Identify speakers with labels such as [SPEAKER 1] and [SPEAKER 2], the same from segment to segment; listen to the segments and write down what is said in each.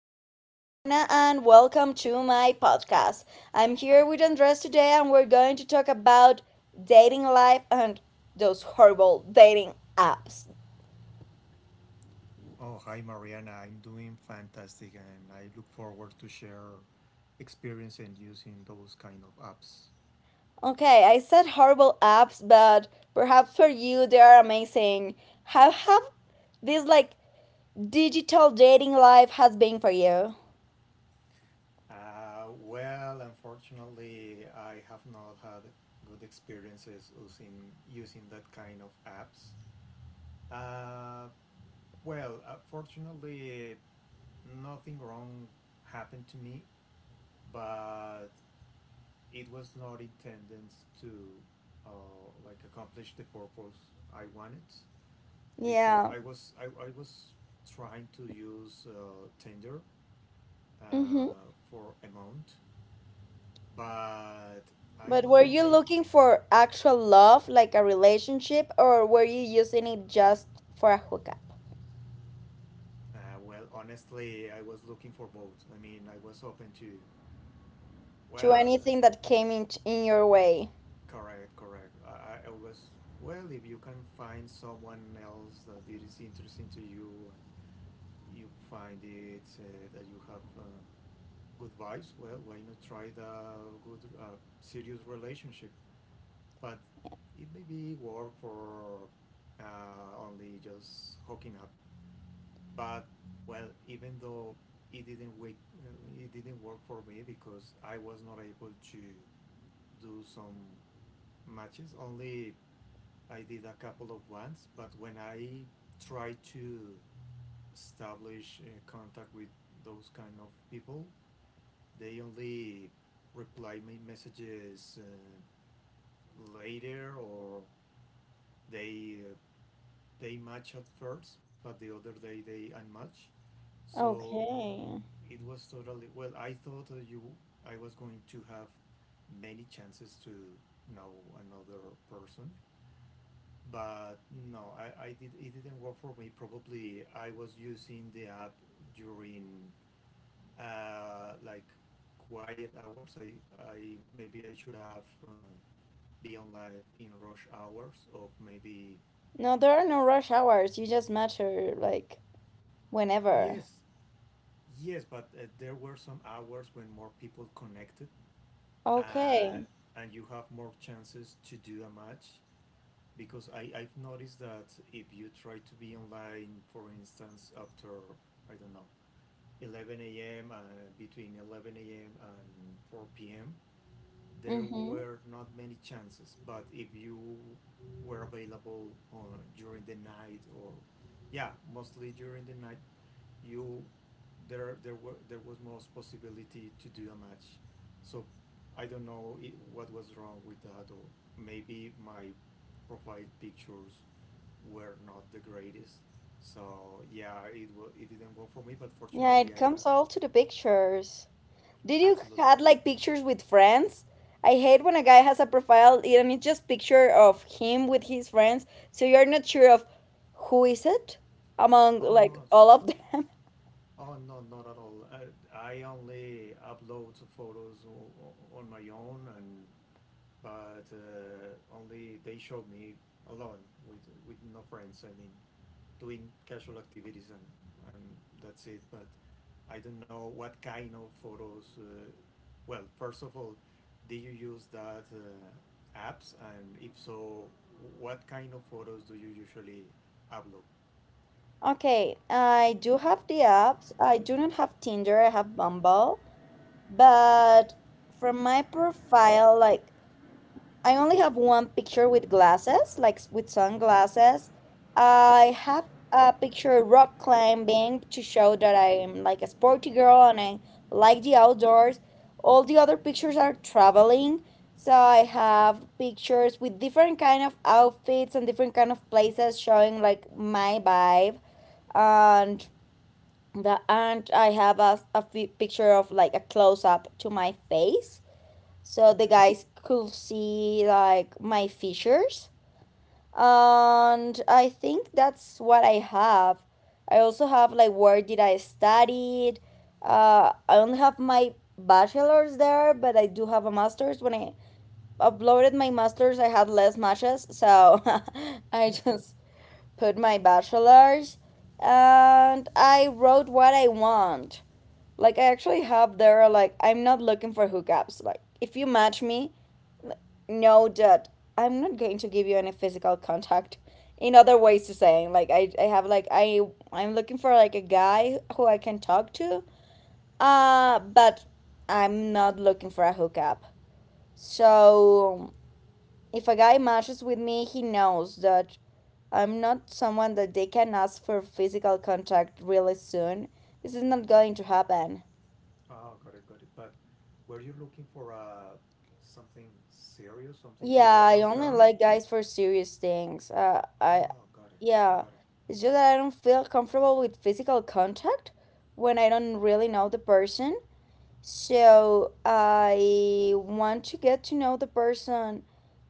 [SPEAKER 1] name is Mariana and welcome to my podcast. I'm here with Andres today and we're going to talk about dating life and those horrible dating apps.
[SPEAKER 2] Oh, hi Mariana. I'm doing fantastic and I look forward to share experience in using those kind of apps.
[SPEAKER 1] Okay, I said horrible apps, but perhaps for you they are amazing. How have this like digital dating life has been for you?
[SPEAKER 2] Unfortunately, I have not had good experiences using that kind of apps. Uh, Fortunately, nothing wrong happened to me, but it was not intended to like accomplish the purpose I wanted. Because
[SPEAKER 1] Yeah.
[SPEAKER 2] I was trying to use Tinder
[SPEAKER 1] Mhm.
[SPEAKER 2] for a month, but I
[SPEAKER 1] But were
[SPEAKER 2] was
[SPEAKER 1] you
[SPEAKER 2] not a
[SPEAKER 1] looking for actual love, like a relationship, or were you using it just for a hookup?
[SPEAKER 2] uh, Honestly, I was looking for both. I mean, I was open to
[SPEAKER 1] To
[SPEAKER 2] well, uh,
[SPEAKER 1] anything that came in your way.
[SPEAKER 2] correct, correct. I was, well, if you can find someone else that it is interesting to you and you find it that you have good vibes, well, why not try the good serious relationship, but it maybe work for uh, only just hooking up. But, well, even though it didn't wake, uh, it didn't work for me because I was not able to do some matches. Only I did a couple of ones. But when I tried to establish contact with those kind of people, they only reply my messages later, or they uh, they match at first, but the other day they unmatch. So
[SPEAKER 1] Okay.
[SPEAKER 2] it was totally well. I thought I was going to have many chances to know another person, but no, I did it didn't work for me. Probably I was using the app during like quiet hours. I maybe I should have been live in rush hours, or maybe.
[SPEAKER 1] No, there are no rush hours. You just match her, like, whenever.
[SPEAKER 2] Yes. Yes, but there were some hours when more people connected, uh,
[SPEAKER 1] Okay.
[SPEAKER 2] and you have more chances to do a match. Because I've noticed that if you try to be online, for instance, after, I don't know, 11 a.m., between 11 a.m. and 4 p.m., there
[SPEAKER 1] Mm-hmm.
[SPEAKER 2] were not many chances. But if you were available on, during the night, or, yeah, mostly during the night, you there there were there was most possibility to do a match. So I don't know I what was wrong with that, or maybe my profile pictures were not the greatest. So yeah, it didn't work for me, but
[SPEAKER 1] Yeah, it
[SPEAKER 2] fortunately, I
[SPEAKER 1] comes all to the pictures. Did you
[SPEAKER 2] absolutely.
[SPEAKER 1] had like pictures with friends? I hate when a guy has a profile and it's just picture of him with his friends, so you're not sure of who is it among
[SPEAKER 2] Oh
[SPEAKER 1] like
[SPEAKER 2] no,
[SPEAKER 1] all of them.
[SPEAKER 2] oh no, not at all. I only upload photos on my own, and but only they showed me alone with no friends. I mean, doing casual activities, and that's it. But I don't know what kind of photos. First of all, do you use that apps? And if so, what kind of photos do you usually upload?
[SPEAKER 1] Okay, I do have the apps. I do not have Tinder. I have Bumble, but from my profile, like I only have one picture with glasses, like with sunglasses. I have a picture rock climbing to show that I'm like a sporty girl and I like the outdoors. All the other pictures are traveling. So I have pictures with different kind of outfits and different kind of places showing like my vibe. And the and I have a picture of like a close up to my face so the
[SPEAKER 2] Okay.
[SPEAKER 1] guys could see like my features, and I think that's what I have. I also have like where did I studied. I don't have my bachelor's there, but I do have a master's. When I uploaded my master's I had less matches, so I
[SPEAKER 2] Yeah.
[SPEAKER 1] just put my bachelor's, and I wrote what I want. Like I actually have there like I'm not looking for hookups. Like if you match me, no, Dad, I'm not going to give you any physical contact. In other ways to saying, like I have like I'm looking for like a guy who I can talk to. But I'm not looking for a hookup. So if a guy matches with me, he knows that I'm not someone that they can ask for physical contact really soon. This is not going to happen.
[SPEAKER 2] Oh, got it, got it. But were you looking for something serious, something
[SPEAKER 1] Yeah,
[SPEAKER 2] for the
[SPEAKER 1] I
[SPEAKER 2] long
[SPEAKER 1] only
[SPEAKER 2] term?
[SPEAKER 1] like guys for serious things. I
[SPEAKER 2] Oh, got it,
[SPEAKER 1] Yeah,
[SPEAKER 2] got it.
[SPEAKER 1] it's just that I don't feel comfortable with physical contact when I don't really know the person. So I want to get to know the person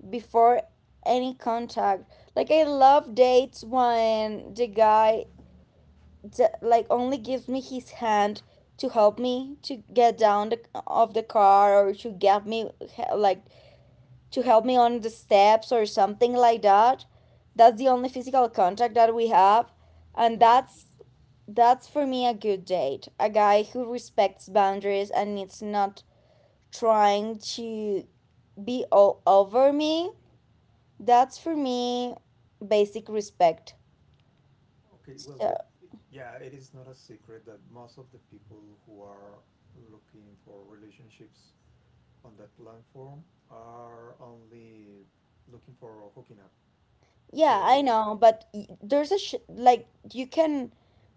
[SPEAKER 1] before any contact. Like I love dates when the guy like only gives me his hand to help me to get down the, of the car, or to get me like to help me on the steps or something like that. That's the only physical contact that we have, and
[SPEAKER 2] Okay.
[SPEAKER 1] that's for me a good date. A guy who respects boundaries and it's not trying to be all over me. That's for me basic respect.
[SPEAKER 2] Okay, well,
[SPEAKER 1] So
[SPEAKER 2] but yeah, it is not a secret that most of the people who are looking for relationships on that platform are only looking for hooking up.
[SPEAKER 1] yeah, I
[SPEAKER 2] So,
[SPEAKER 1] know, but there's a sh like you can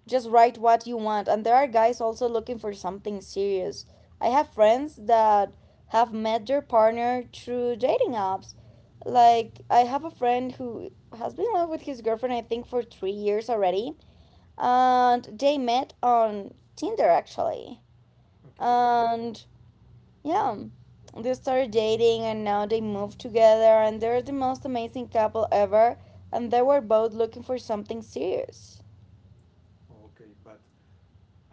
[SPEAKER 1] just write what you want, and there are guys also looking for something serious. I have friends that have met their partner through dating apps. Like, I have a friend who has been in love with his girlfriend, I think, for 3 years already, and they met on Tinder actually.
[SPEAKER 2] okay, okay,
[SPEAKER 1] And yeah. They started dating and now they moved together and they're the most amazing couple ever, and they were both looking for something serious.
[SPEAKER 2] okay, but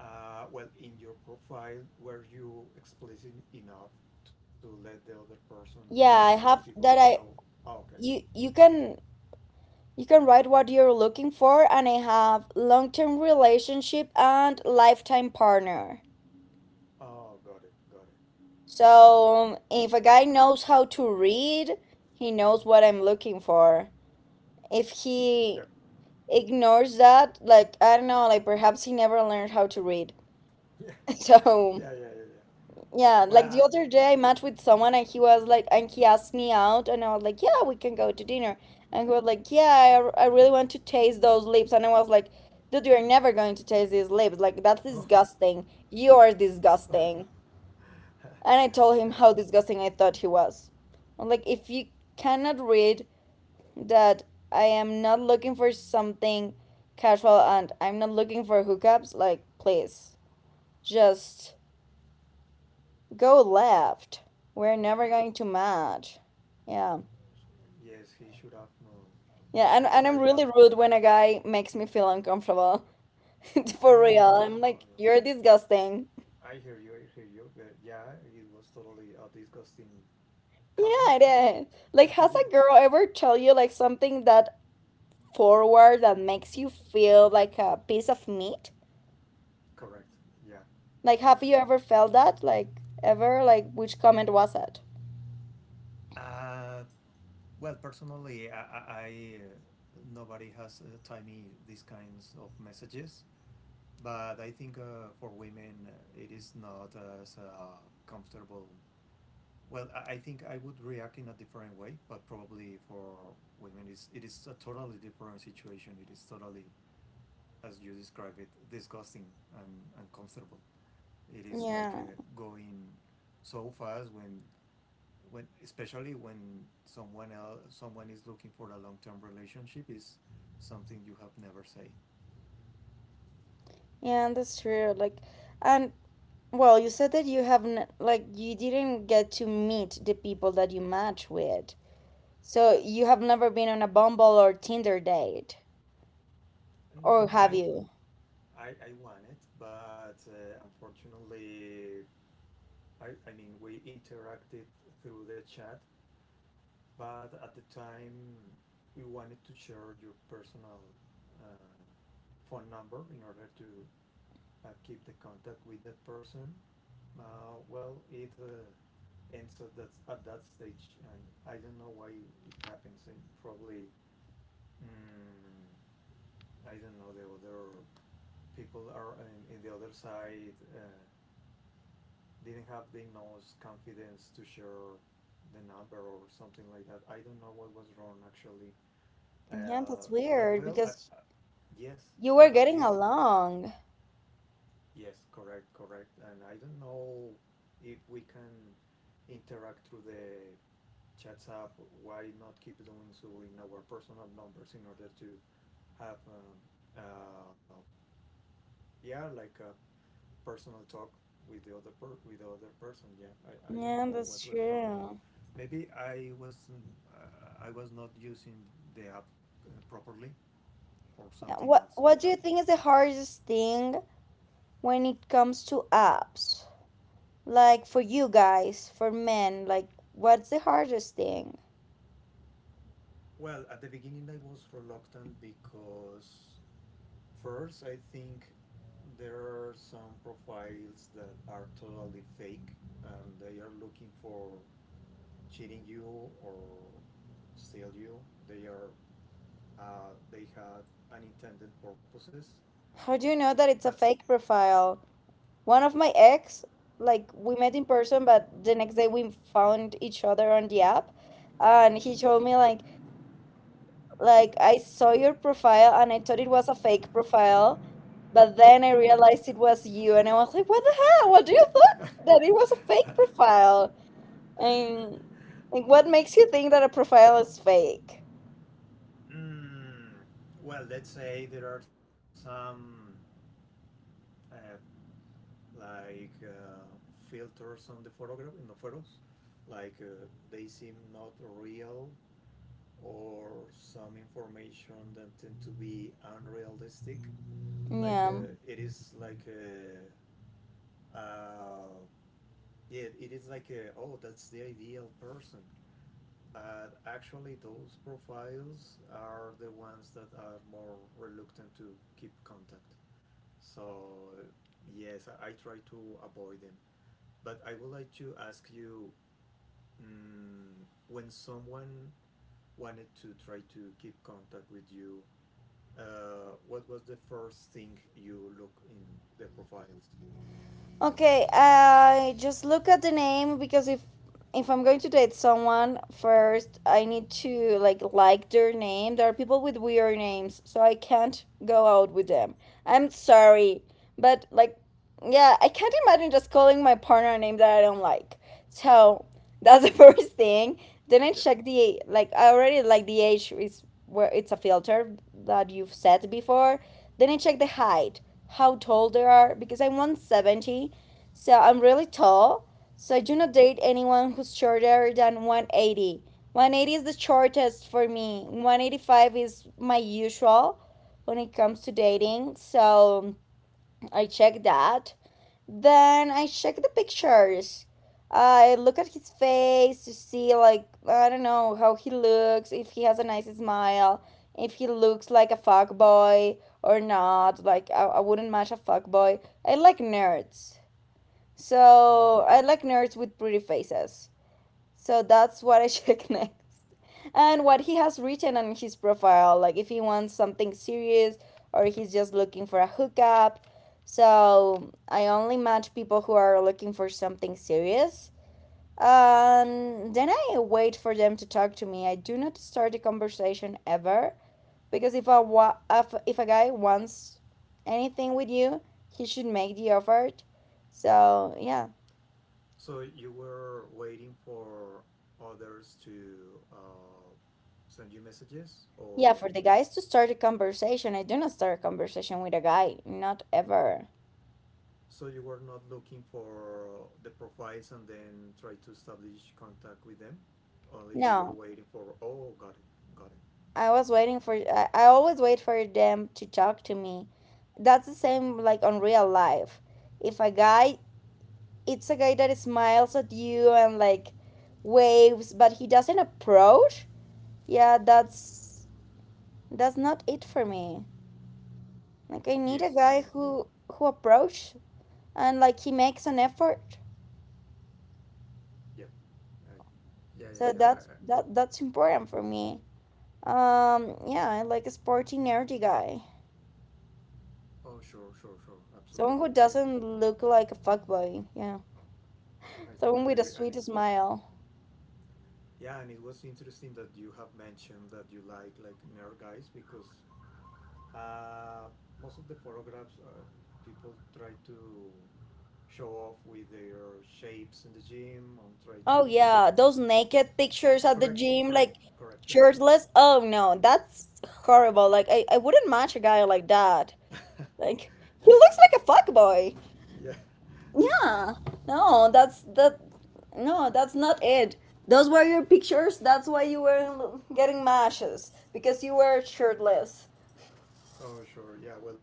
[SPEAKER 2] in your profile, were you explicit enough to let the other person, the
[SPEAKER 1] Yeah, I
[SPEAKER 2] other
[SPEAKER 1] have
[SPEAKER 2] people
[SPEAKER 1] that
[SPEAKER 2] know?
[SPEAKER 1] I
[SPEAKER 2] Oh, okay.
[SPEAKER 1] You you can write what you're looking for, and I have long-term relationship and lifetime partner.
[SPEAKER 2] Oh, got it, got it.
[SPEAKER 1] So, if a guy knows how to read, he knows what I'm looking for. If he
[SPEAKER 2] Yep.
[SPEAKER 1] ignores that, like I don't know, like perhaps he never learned how to read.
[SPEAKER 2] Yeah,
[SPEAKER 1] So,
[SPEAKER 2] yeah, yeah, yeah, yeah.
[SPEAKER 1] yeah, like the
[SPEAKER 2] Well,
[SPEAKER 1] other day I met with someone and he was like, and he asked me out, and I was like, yeah, we can go to dinner. And he was like, yeah, I really want to taste those lips. And I was like, dude, you're never going to taste these lips. Like, that's
[SPEAKER 2] oh,
[SPEAKER 1] disgusting. You are disgusting. And I told him how disgusting I thought he was. I'm like, if you cannot read that I am not looking for something casual and I'm not looking for hookups, like, please, just. Go left. We're
[SPEAKER 2] oh,
[SPEAKER 1] never going to match. Yeah.
[SPEAKER 2] yes, he should have. No,
[SPEAKER 1] Yeah, and,
[SPEAKER 2] never
[SPEAKER 1] and I'm
[SPEAKER 2] typed
[SPEAKER 1] really
[SPEAKER 2] that.
[SPEAKER 1] rude when a guy makes me feel uncomfortable. For
[SPEAKER 2] Oh no,
[SPEAKER 1] real.
[SPEAKER 2] no,
[SPEAKER 1] I'm
[SPEAKER 2] no,
[SPEAKER 1] like,
[SPEAKER 2] no!
[SPEAKER 1] you're disgusting.
[SPEAKER 2] I hear you, I hear you. But yeah, it was totally a disgusting comment,
[SPEAKER 1] Yeah, it is. Like,
[SPEAKER 2] and he
[SPEAKER 1] has
[SPEAKER 2] did.
[SPEAKER 1] a girl ever told you like something that forward that makes you feel like a piece of meat?
[SPEAKER 2] Correct. Yeah,
[SPEAKER 1] Like, have
[SPEAKER 2] yeah.
[SPEAKER 1] you ever felt that? Like, ever? Like, which comment was it?
[SPEAKER 2] Uh, personally, nobody has typed me these kinds of messages, but I think for women it is not as comfortable. Well, I think I would react in a different way, but probably for women, it is a totally different situation. It is totally, as you describe it, disgusting and uncomfortable. It is like
[SPEAKER 1] Yeah,
[SPEAKER 2] going so fast when, especially when someone is looking for a long term relationship, is something you have never say.
[SPEAKER 1] yeah, that's true. Like, and well, you said that you haven't, like, you didn't get to meet the people that you match with. So you have never been on a Bumble or Tinder date, or
[SPEAKER 2] N-
[SPEAKER 1] have
[SPEAKER 2] I,
[SPEAKER 1] you?
[SPEAKER 2] I want it, but unfortunately, I mean, we interacted through the chat, but at the time we wanted to share your personal uh, phone number in order to keep the contact with that person. It ends at at that stage, and I don't know why it happens. And probably, mm, I don't know, the other people are in the other side didn't have the enough confidence to share the number or something like that. I don't know what was wrong actually.
[SPEAKER 1] Yeah,
[SPEAKER 2] Uh,
[SPEAKER 1] that's
[SPEAKER 2] but
[SPEAKER 1] weird
[SPEAKER 2] well, at,
[SPEAKER 1] because
[SPEAKER 2] uh, yes,
[SPEAKER 1] you were
[SPEAKER 2] but at
[SPEAKER 1] getting
[SPEAKER 2] least,
[SPEAKER 1] along.
[SPEAKER 2] yes, correct, correct. And I don't know if we can interact through the chats app. Why not keep doing so in our personal numbers in order to have uh, yeah, like a personal talk with the with the other person. Yeah, I don't
[SPEAKER 1] Yeah,
[SPEAKER 2] know what
[SPEAKER 1] that's
[SPEAKER 2] was wrong with.
[SPEAKER 1] true.
[SPEAKER 2] Maybe I was not using the app properly, or
[SPEAKER 1] Yeah,
[SPEAKER 2] something
[SPEAKER 1] what
[SPEAKER 2] else could
[SPEAKER 1] What do you
[SPEAKER 2] happen.
[SPEAKER 1] think is the hardest thing when it comes to apps? Like for you guys, for men, like what's the hardest thing?
[SPEAKER 2] Well, at the beginning, I was reluctant because, first, I think there are some profiles that are totally fake and they are looking for cheating you or steal you. They are, they have unintended purposes.
[SPEAKER 1] How do you know that it's a
[SPEAKER 2] That's,
[SPEAKER 1] fake profile? One of my ex, like we met in person, but the next day we found each other on the app, and he told me like I saw your profile and I thought it was a fake profile, but then I realized it was you, and I was like, what the hell? What do you thought that it was a fake profile? And like, what makes you think that a profile is fake?
[SPEAKER 2] mm, let's say there are some uh, like uh, filters on the photograph in the photos, like they seem not real, or some information that tend to be unrealistic. Like
[SPEAKER 1] Yeah.
[SPEAKER 2] it is like a, uh, yeah, it is like a, oh, that's the ideal person. But actually, those profiles are the ones that are more reluctant to keep contact. So yes, I try to avoid them. But I would like to ask you, when someone wanted to try to keep contact with you, what was the first thing you look in the profiles?
[SPEAKER 1] Okay, I just look at the name because if I'm going to date someone first, I need to like their name. There are people with weird names, so I can't go out with them. I'm sorry, but like yeah, I can't imagine just calling my partner a name that I don't like. So that's the first thing. Then I
[SPEAKER 2] Yeah.
[SPEAKER 1] check the like I already like the age is where it's a filter that you've set before. Then I check the height, how tall they are because I'm 170, so I'm really tall. So I do not
[SPEAKER 2] Okay.
[SPEAKER 1] date anyone who's shorter than 180. 180 is the shortest for me. 185 is my usual when it comes to
[SPEAKER 2] Okay.
[SPEAKER 1] dating. So I check that. Then I check the pictures. I look at his face to see, like, I don't know how he looks, if he has a nice smile, if he looks like a fuckboy or not. Like, I wouldn't match a fuckboy. I like nerds.
[SPEAKER 2] Oh,
[SPEAKER 1] So, I like nerds with pretty faces. So, that's what I check next, and what he has written on his profile like if he wants something serious or he's just looking for a hookup. So I only match people who are looking for something serious, and then I wait for them to talk to me. I do not start a conversation ever, because if a guy wants anything with you, he should make the effort. So yeah,
[SPEAKER 2] so you were waiting for others to send you messages,
[SPEAKER 1] yeah,
[SPEAKER 2] or
[SPEAKER 1] for the guys to start a conversation. I do not start a conversation with a guy, not ever.
[SPEAKER 2] so you were not looking for the profiles and then try to establish contact with them. Only you were
[SPEAKER 1] No,
[SPEAKER 2] waiting for. Oh, got it. Got it.
[SPEAKER 1] I was waiting for I always wait for them to talk to me. That's the same like on real life. If a guy that smiles at you and like waves but he doesn't approach, yeah, that's not it for me. Like I
[SPEAKER 2] Yes, I
[SPEAKER 1] need a
[SPEAKER 2] agree.
[SPEAKER 1] guy who approach and like he makes an effort.
[SPEAKER 2] Yeah. I, yeah, yeah,
[SPEAKER 1] So
[SPEAKER 2] yeah.
[SPEAKER 1] that's that that's important for me. Yeah, I like a sporty nerdy guy.
[SPEAKER 2] Oh, sure, sure, sure.
[SPEAKER 1] Someone
[SPEAKER 2] Absolutely.
[SPEAKER 1] who doesn't look like a fuckboy, yeah.
[SPEAKER 2] I
[SPEAKER 1] Someone
[SPEAKER 2] totally
[SPEAKER 1] with a
[SPEAKER 2] agree.
[SPEAKER 1] sweet
[SPEAKER 2] And
[SPEAKER 1] smile.
[SPEAKER 2] yeah, and it was interesting that you have mentioned that you like nerd guys, because uh, most of the photographs, people try to show off with their shapes in the gym and try
[SPEAKER 1] Oh
[SPEAKER 2] to
[SPEAKER 1] yeah, those naked pictures at the
[SPEAKER 2] correct,
[SPEAKER 1] gym,
[SPEAKER 2] correct,
[SPEAKER 1] like
[SPEAKER 2] correct.
[SPEAKER 1] shirtless. Oh no, that's horrible. Like I wouldn't match a guy like that. Like he looks like a fuckboy.
[SPEAKER 2] Yeah.
[SPEAKER 1] Yeah. No, that's that no, that's not it. Those were your pictures. That's why you were getting matches because you were shirtless.
[SPEAKER 2] Oh sure. Yeah. Well,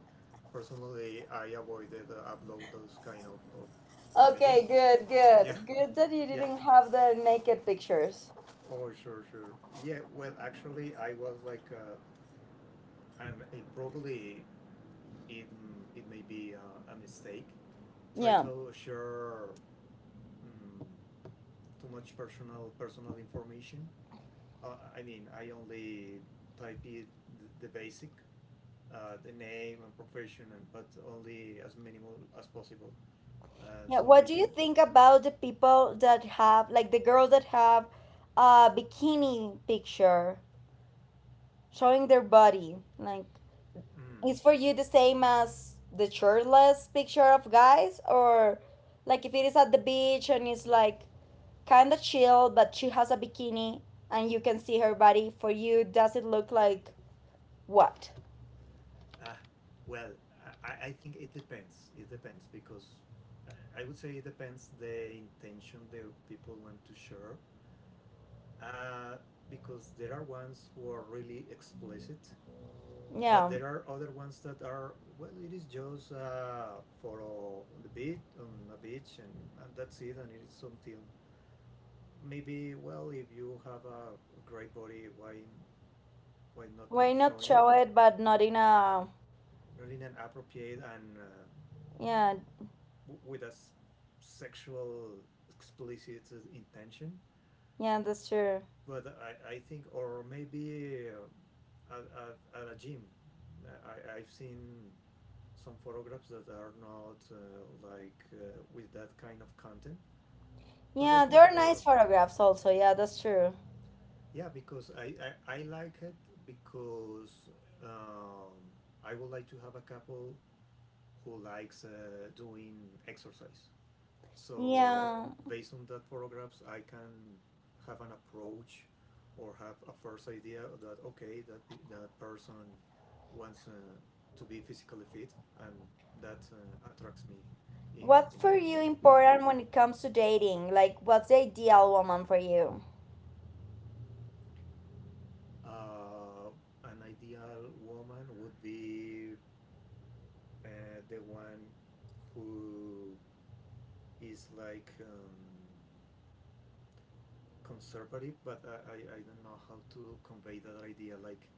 [SPEAKER 2] personally, I avoided upload those kind of images.
[SPEAKER 1] Okay, good,
[SPEAKER 2] Yeah.
[SPEAKER 1] good. Good that you
[SPEAKER 2] Yeah.
[SPEAKER 1] didn't have the naked pictures.
[SPEAKER 2] Oh sure, sure. Yeah. Well, actually, I was like. And it probably it, it may be a mistake. Try
[SPEAKER 1] Yeah.
[SPEAKER 2] to share um, too much personal information. I mean, I only type it the basic, the name and profession, and, but only as minimal as possible. And
[SPEAKER 1] Yeah,
[SPEAKER 2] so I
[SPEAKER 1] what do you
[SPEAKER 2] think,
[SPEAKER 1] think about the people that have, like the girls that have a bikini picture showing their body? Like,
[SPEAKER 2] mm,
[SPEAKER 1] is for you the same as the shirtless picture of guys, or like if it is at the beach and it's like kind of chill, but she has a bikini and you can see her body, for you, does it look like what?
[SPEAKER 2] ah, well, I think it depends. It depends because I would say it depends the intention the people want to share, uh, because there are ones who are really explicit, but
[SPEAKER 1] Yeah,
[SPEAKER 2] there are other ones that are, well, it is just for on the beach, on a beach, and that's it, and it is something. Maybe, well, if you have a great body, why not
[SPEAKER 1] why not
[SPEAKER 2] showing it?
[SPEAKER 1] show it, but not in a,
[SPEAKER 2] Really, an appropriate and
[SPEAKER 1] yeah,
[SPEAKER 2] with a sexual explicit intention,
[SPEAKER 1] yeah, that's true.
[SPEAKER 2] but I think, or maybe at a gym, I've seen some photographs that are not with that kind of content, but I
[SPEAKER 1] Yeah, there are
[SPEAKER 2] consider,
[SPEAKER 1] nice photographs also. Yeah, that's true.
[SPEAKER 2] yeah, because I like it, because um, I would like to have a couple who likes doing exercise. So
[SPEAKER 1] Yeah.
[SPEAKER 2] based on that photographs, I can have an approach or have a first idea that okay, that that person wants to be physically fit, and that attracts me
[SPEAKER 1] What's
[SPEAKER 2] in a
[SPEAKER 1] for
[SPEAKER 2] woman.
[SPEAKER 1] you important when it comes to dating? Like, what's the ideal woman for you?
[SPEAKER 2] Uh, an ideal woman would be the one who is like conservative, but I don't know how to convey that idea. Like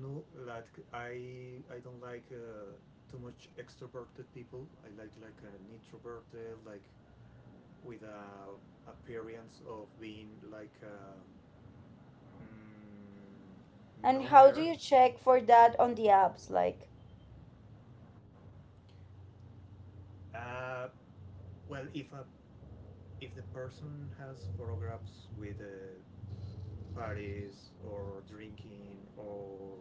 [SPEAKER 2] no, like i don't like too much extroverted people. I like an introverted, like with a appearance of being like a mm,
[SPEAKER 1] And
[SPEAKER 2] no
[SPEAKER 1] how do
[SPEAKER 2] nerd.
[SPEAKER 1] you check for that on the apps? Like,
[SPEAKER 2] uh, well, if the person has photographs with parties or drinking, or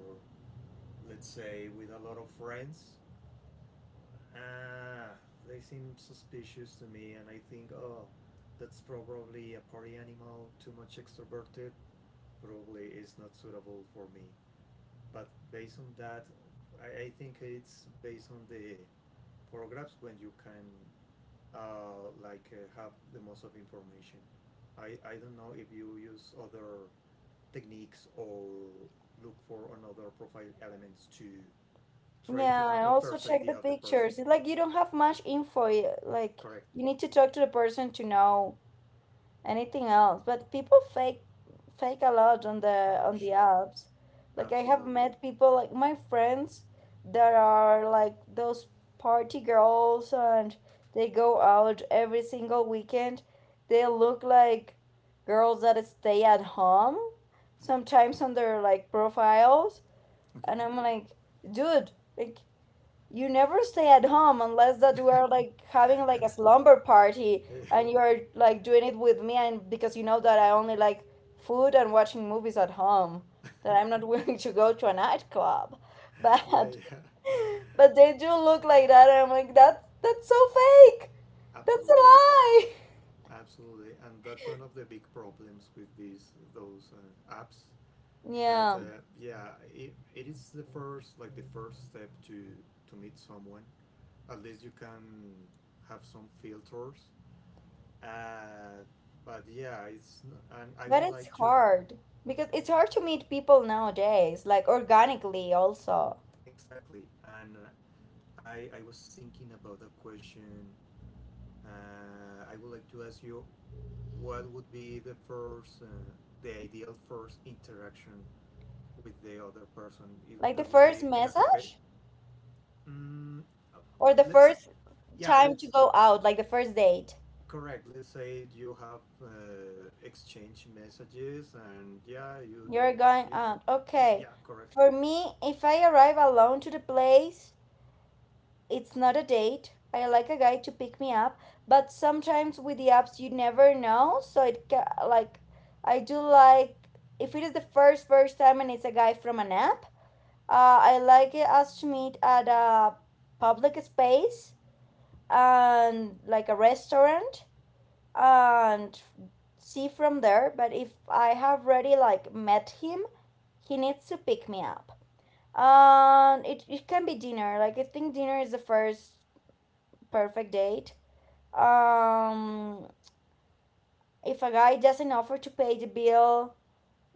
[SPEAKER 2] let's say with a lot of friends, ah, they seem suspicious to me, and I think, oh, that's probably a party animal, too much extroverted, probably is not suitable for me. But based on that, I think it's based on the paragraphs when you can have the most of information. I don't know if you use other techniques or look for another profile elements to try to
[SPEAKER 1] yeah, I
[SPEAKER 2] have a
[SPEAKER 1] also
[SPEAKER 2] first
[SPEAKER 1] check the
[SPEAKER 2] idea of the person.
[SPEAKER 1] pictures. It's like you don't have much info. Like,
[SPEAKER 2] Correct.
[SPEAKER 1] you need to talk to the person to know anything else. But people fake a lot on the
[SPEAKER 2] Ah,
[SPEAKER 1] on the
[SPEAKER 2] sure.
[SPEAKER 1] apps. Like I have
[SPEAKER 2] Absolutely.
[SPEAKER 1] met people like my friends that are like those party girls and they go out every single weekend. They look like girls that stay at home sometimes on their like profiles,
[SPEAKER 2] Okay.
[SPEAKER 1] and I'm like, dude, like you never stay at home unless that we are like having like a slumber party and you're like doing it with me and because you know that I only like food and watching movies at home, that I'm not willing to go to a nightclub
[SPEAKER 2] Yeah, yeah,
[SPEAKER 1] but
[SPEAKER 2] yeah.
[SPEAKER 1] but they do look like that and I'm like that's so fake, that's a
[SPEAKER 2] Absolutely,
[SPEAKER 1] lie.
[SPEAKER 2] absolutely. And that's one of the big problems with these those apps. That
[SPEAKER 1] Yeah,
[SPEAKER 2] yeah, it is the first, like the first step to meet someone. At least you can have some filters. Uh, but yeah, it's n- and I
[SPEAKER 1] but
[SPEAKER 2] would
[SPEAKER 1] it's
[SPEAKER 2] like to
[SPEAKER 1] hard because it's hard to meet people nowadays like organically also.
[SPEAKER 2] exactly. And I was thinking about the question. I would like to ask you what would be the first, the ideal first interaction with the other person? If
[SPEAKER 1] Like the
[SPEAKER 2] that would
[SPEAKER 1] first
[SPEAKER 2] be in a cafe.
[SPEAKER 1] message?
[SPEAKER 2] Mm, uh,
[SPEAKER 1] Or the
[SPEAKER 2] let's
[SPEAKER 1] first
[SPEAKER 2] yeah,
[SPEAKER 1] time to
[SPEAKER 2] let's
[SPEAKER 1] go out, like the first date.
[SPEAKER 2] correct. Let's say you have exchange messages, and yeah,
[SPEAKER 1] You're going
[SPEAKER 2] you,
[SPEAKER 1] out. Okay.
[SPEAKER 2] yeah, correct.
[SPEAKER 1] For me, if I arrive alone to the place, it's not a date. I like a guy to pick me up, but sometimes with the apps you never know, so it like I do like, if it is the first time and it's a guy from an app, I like it us to meet at a public space and like a restaurant, and see from there. But if I have already like met him, he needs to pick me up. And it can be dinner. Like I think dinner is the first perfect date. Um, if a guy doesn't offer to pay the bill,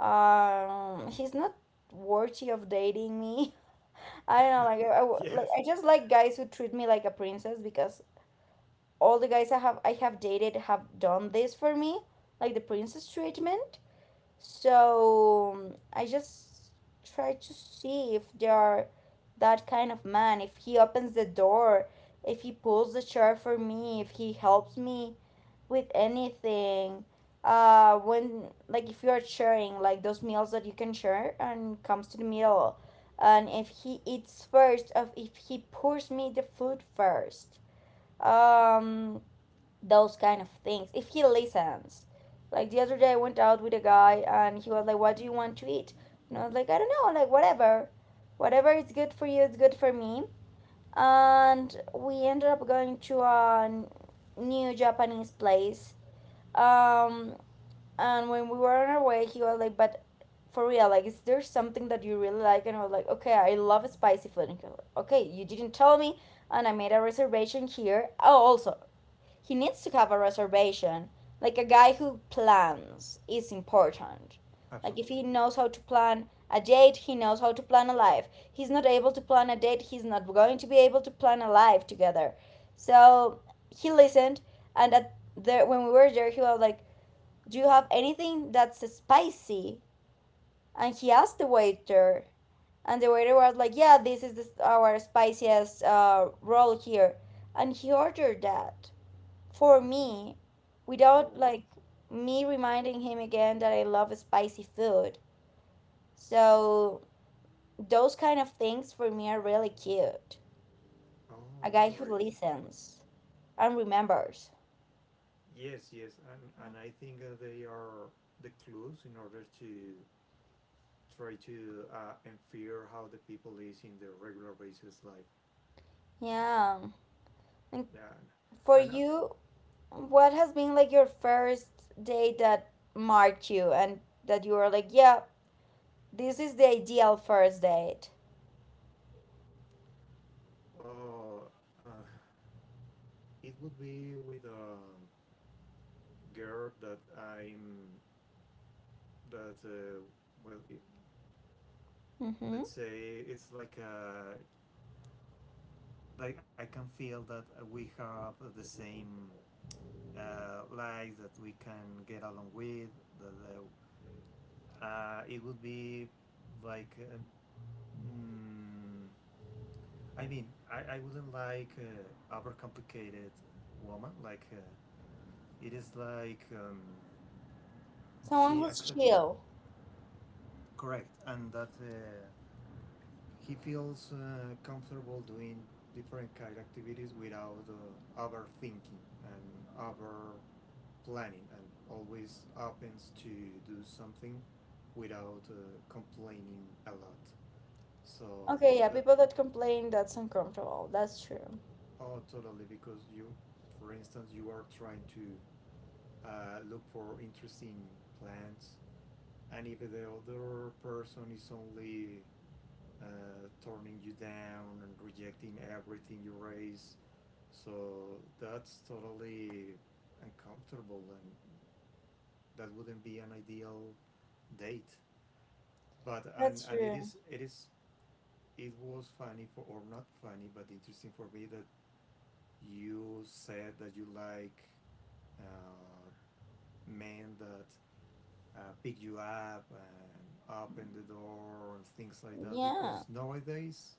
[SPEAKER 1] he's not worthy of dating me. I don't know. Like like
[SPEAKER 2] Yes.
[SPEAKER 1] I just like guys who treat me like a princess because all the guys I have dated have done this for me, like the princess treatment. So I just try to see if they are that kind of man. If he opens the door, if he pulls the chair for me, if he helps me with anything. When like if you are sharing like those meals that you can share and comes to the meal, and if he eats first, of if he pours me the food first. Um, those kind of things, if he listens. Like the other day I went out with a guy and he was like, what do you want to eat? And I was like, I don't know, like whatever, whatever is good for you is good for me. And we ended up going to a new Japanese place, um and when we were on our way he was like, but for real, like is there something that you really like? And I was like, okay, I love spicy food. And he was like, okay, you didn't tell me and I made a reservation here. Oh, also he needs to have a reservation. Like a guy who plans is important. Like if
[SPEAKER 2] Absolutely.
[SPEAKER 1] he knows how to plan a date, he knows how to plan a life. He's not able to plan a date, he's not going to be able to plan a life together. So he listened, and at there when we were there he was like, do you have anything that's spicy? And he asked the waiter and the waiter was like, yeah, this is the, our spiciest roll here, and he ordered that for
[SPEAKER 2] Okay.
[SPEAKER 1] me, without
[SPEAKER 2] Oh.
[SPEAKER 1] like me reminding him again that I love spicy food.
[SPEAKER 2] Oh,
[SPEAKER 1] So those kind of things for me are really cute. A
[SPEAKER 2] oh,
[SPEAKER 1] guy who
[SPEAKER 2] great. Great.
[SPEAKER 1] listens and remembers.
[SPEAKER 2] Yes, yes, and I think they are the clues in order to try to infer how the people is in their regular basis life. Uh,
[SPEAKER 1] Yeah. And
[SPEAKER 2] yeah,
[SPEAKER 1] for
[SPEAKER 2] and uh,
[SPEAKER 1] you, what has been like your first day that marked you and that you were like, yeah, this is the ideal first date?
[SPEAKER 2] oh, uh, it would be with a girl that I'm that well, it,
[SPEAKER 1] Mm-hmm.
[SPEAKER 2] let's say it's like a like I can feel that we have the same life that we can get along with. That It would be like. mm, I mean, I wouldn't like overcomplicated woman. It is like
[SPEAKER 1] Someone
[SPEAKER 2] she
[SPEAKER 1] who's
[SPEAKER 2] accept
[SPEAKER 1] chill.
[SPEAKER 2] correct, and that he feels comfortable doing different kind of activities without overthinking and over planning, and always opens to do something without complaining a lot. So
[SPEAKER 1] Okay, yeah,
[SPEAKER 2] that
[SPEAKER 1] people that complain, that's uncomfortable. That's true.
[SPEAKER 2] oh totally because for instance, you are trying to look for interesting plants. And if the other person is only turning you down and rejecting everything you raise, so that's totally uncomfortable, and that wouldn't be an ideal date. But
[SPEAKER 1] That's
[SPEAKER 2] and it
[SPEAKER 1] true.
[SPEAKER 2] is it is it was funny for or not funny, but interesting for me that you said that you like uh, men that pick you up and open the door and things like that
[SPEAKER 1] Yeah.
[SPEAKER 2] because nowadays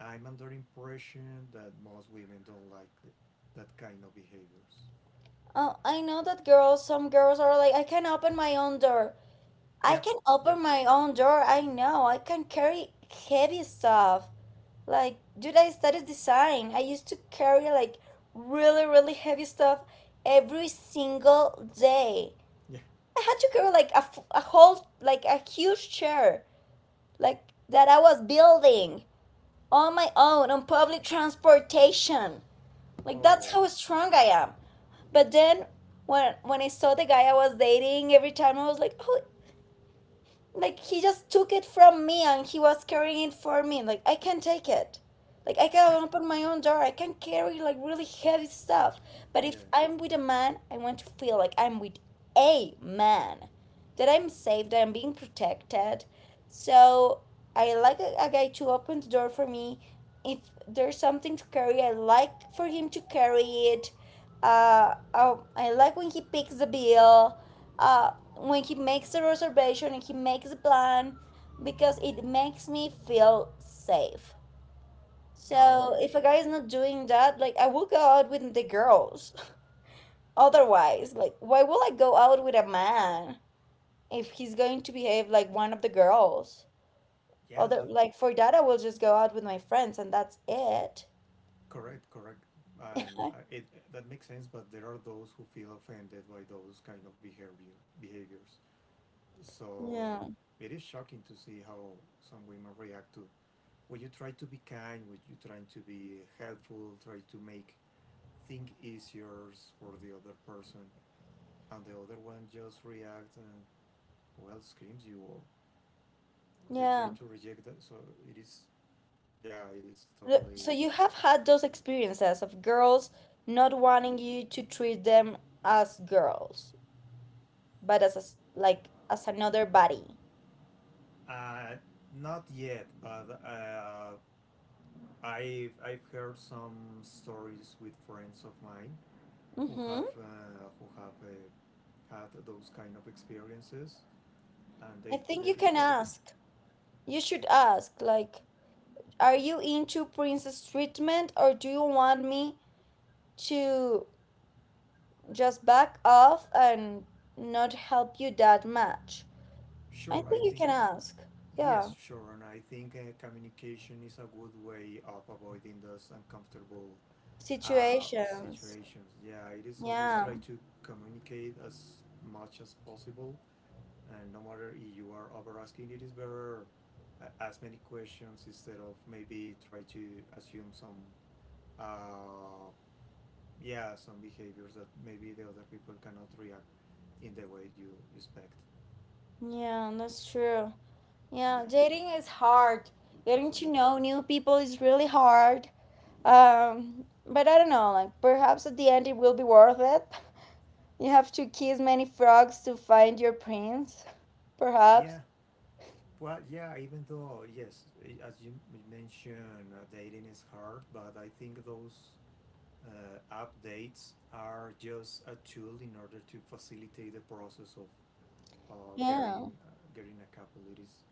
[SPEAKER 2] I'm under the impression that most women don't like that kind of behaviors.
[SPEAKER 1] Oh, I know that girls, some girls are like, I can open my own door. I
[SPEAKER 2] Yep.
[SPEAKER 1] can
[SPEAKER 2] Yep.
[SPEAKER 1] open my own door. I know. I can carry heavy stuff. Like, dude, I studied design. I used to carry like really, really heavy stuff every single day.
[SPEAKER 2] Yeah.
[SPEAKER 1] I had to carry like a, a whole, like a huge chair, like that I was building on my own on public transportation. Like, that's
[SPEAKER 2] Oh.
[SPEAKER 1] how strong I am. But
[SPEAKER 2] uh,
[SPEAKER 1] then when I saw the guy I was dating, every time I was like, oh, like he just took it from me and he was carrying it for me. Like I can not take it, like I can open my own door, I can carry like really heavy stuff, but
[SPEAKER 2] Yeah.
[SPEAKER 1] if I'm with a man I want to feel like I'm with a man, that I'm safe, that I'm being protected. So I like a guy to open the door for me, if there's something to carry I like for him to carry it. Oh, I like when he picks the bill, when he makes the reservation and he makes the plan, because it makes me feel safe. So
[SPEAKER 2] Oh,
[SPEAKER 1] if a guy
[SPEAKER 2] sure.
[SPEAKER 1] is not doing that, like I will go out with the girls. Otherwise, like why will I go out with a man if he's going to behave like one of the girls?
[SPEAKER 2] Yeah,
[SPEAKER 1] Other
[SPEAKER 2] that
[SPEAKER 1] like for that I will just go out with my friends and that's it.
[SPEAKER 2] correct, correct. And I, it that makes sense, but there are those who feel offended by those kind of behaviors. So
[SPEAKER 1] Yeah.
[SPEAKER 2] it is shocking to see how some women react to when you try to be kind, when you try to be helpful, try to make things easier for the other person, and the other one just reacts and well screams you or they try
[SPEAKER 1] Yeah.
[SPEAKER 2] to reject that. It is yeah, it is
[SPEAKER 1] So
[SPEAKER 2] totally
[SPEAKER 1] you have had those experiences of girls not wanting you to treat them as girls, but as a s like as another body.
[SPEAKER 2] uh, not yet, but I've heard some stories with friends of mine
[SPEAKER 1] Mm-hmm.
[SPEAKER 2] who have had those kind of experiences, and
[SPEAKER 1] I
[SPEAKER 2] they
[SPEAKER 1] think
[SPEAKER 2] there
[SPEAKER 1] you
[SPEAKER 2] is
[SPEAKER 1] can
[SPEAKER 2] I think
[SPEAKER 1] ask. You should ask, like, are you into princess treatment or do you want me to just back off and not help you that much? I
[SPEAKER 2] sure I
[SPEAKER 1] think you
[SPEAKER 2] think
[SPEAKER 1] can ask.
[SPEAKER 2] yes,
[SPEAKER 1] Yeah.
[SPEAKER 2] sure, and I think communication is a good way of avoiding those uncomfortable
[SPEAKER 1] Situations.
[SPEAKER 2] situations. Yeah, it is always
[SPEAKER 1] Yeah.
[SPEAKER 2] try to communicate as much as possible, and no matter if you are over asking, it is better as many questions instead of maybe try to assume some uh, yeah some behaviors that maybe the other people cannot react in the way you expect.
[SPEAKER 1] Yeah, that's true.
[SPEAKER 2] Yeah,
[SPEAKER 1] Yeah, dating is hard. Getting to
[SPEAKER 2] absolutely.
[SPEAKER 1] know new people is really hard. But I don't know, like perhaps at the end it will be worth it. You have to kiss many frogs to find your prince, perhaps.
[SPEAKER 2] Yeah, well, yeah, even though, yes, as you mentioned, dating is hard, but I think those updates are just a tool in order to facilitate the process of
[SPEAKER 1] Yeah.
[SPEAKER 2] getting a couple. It is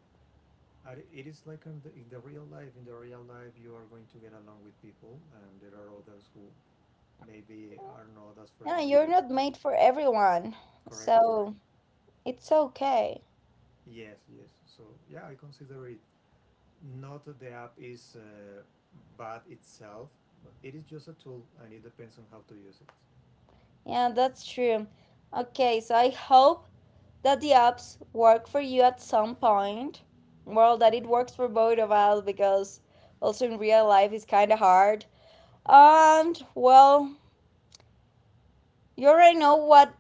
[SPEAKER 2] uh, It is like in in the real life. In the real life, you are going to get along with people, and there are others who maybe are not as
[SPEAKER 1] Yeah, you're
[SPEAKER 2] friendly
[SPEAKER 1] not
[SPEAKER 2] as
[SPEAKER 1] made for everyone.
[SPEAKER 2] correct, correct.
[SPEAKER 1] So it's okay.
[SPEAKER 2] Yes, yes. So yeah, I consider it not the app is bad itself. But it is just a tool, and it depends on how to use it.
[SPEAKER 1] Yeah, that's true. Okay, so I hope that the apps work for you at some point. Well, that it works for both of us because also in real life it's kind of hard.
[SPEAKER 2] Yep.
[SPEAKER 1] And well, you already know what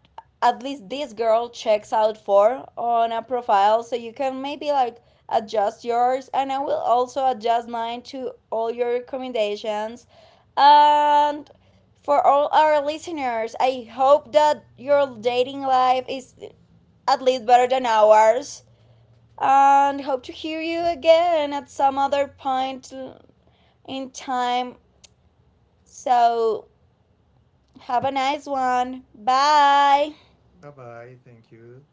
[SPEAKER 1] at least this girl checks out for on a profile, so you can maybe like adjust yours, and I will also adjust mine to all your recommendations. And for all our listeners, I hope that your dating life is at least better than ours. And hope to hear you again at some other point in time. So, have a nice one. Bye.
[SPEAKER 2] Bye bye. Thank you.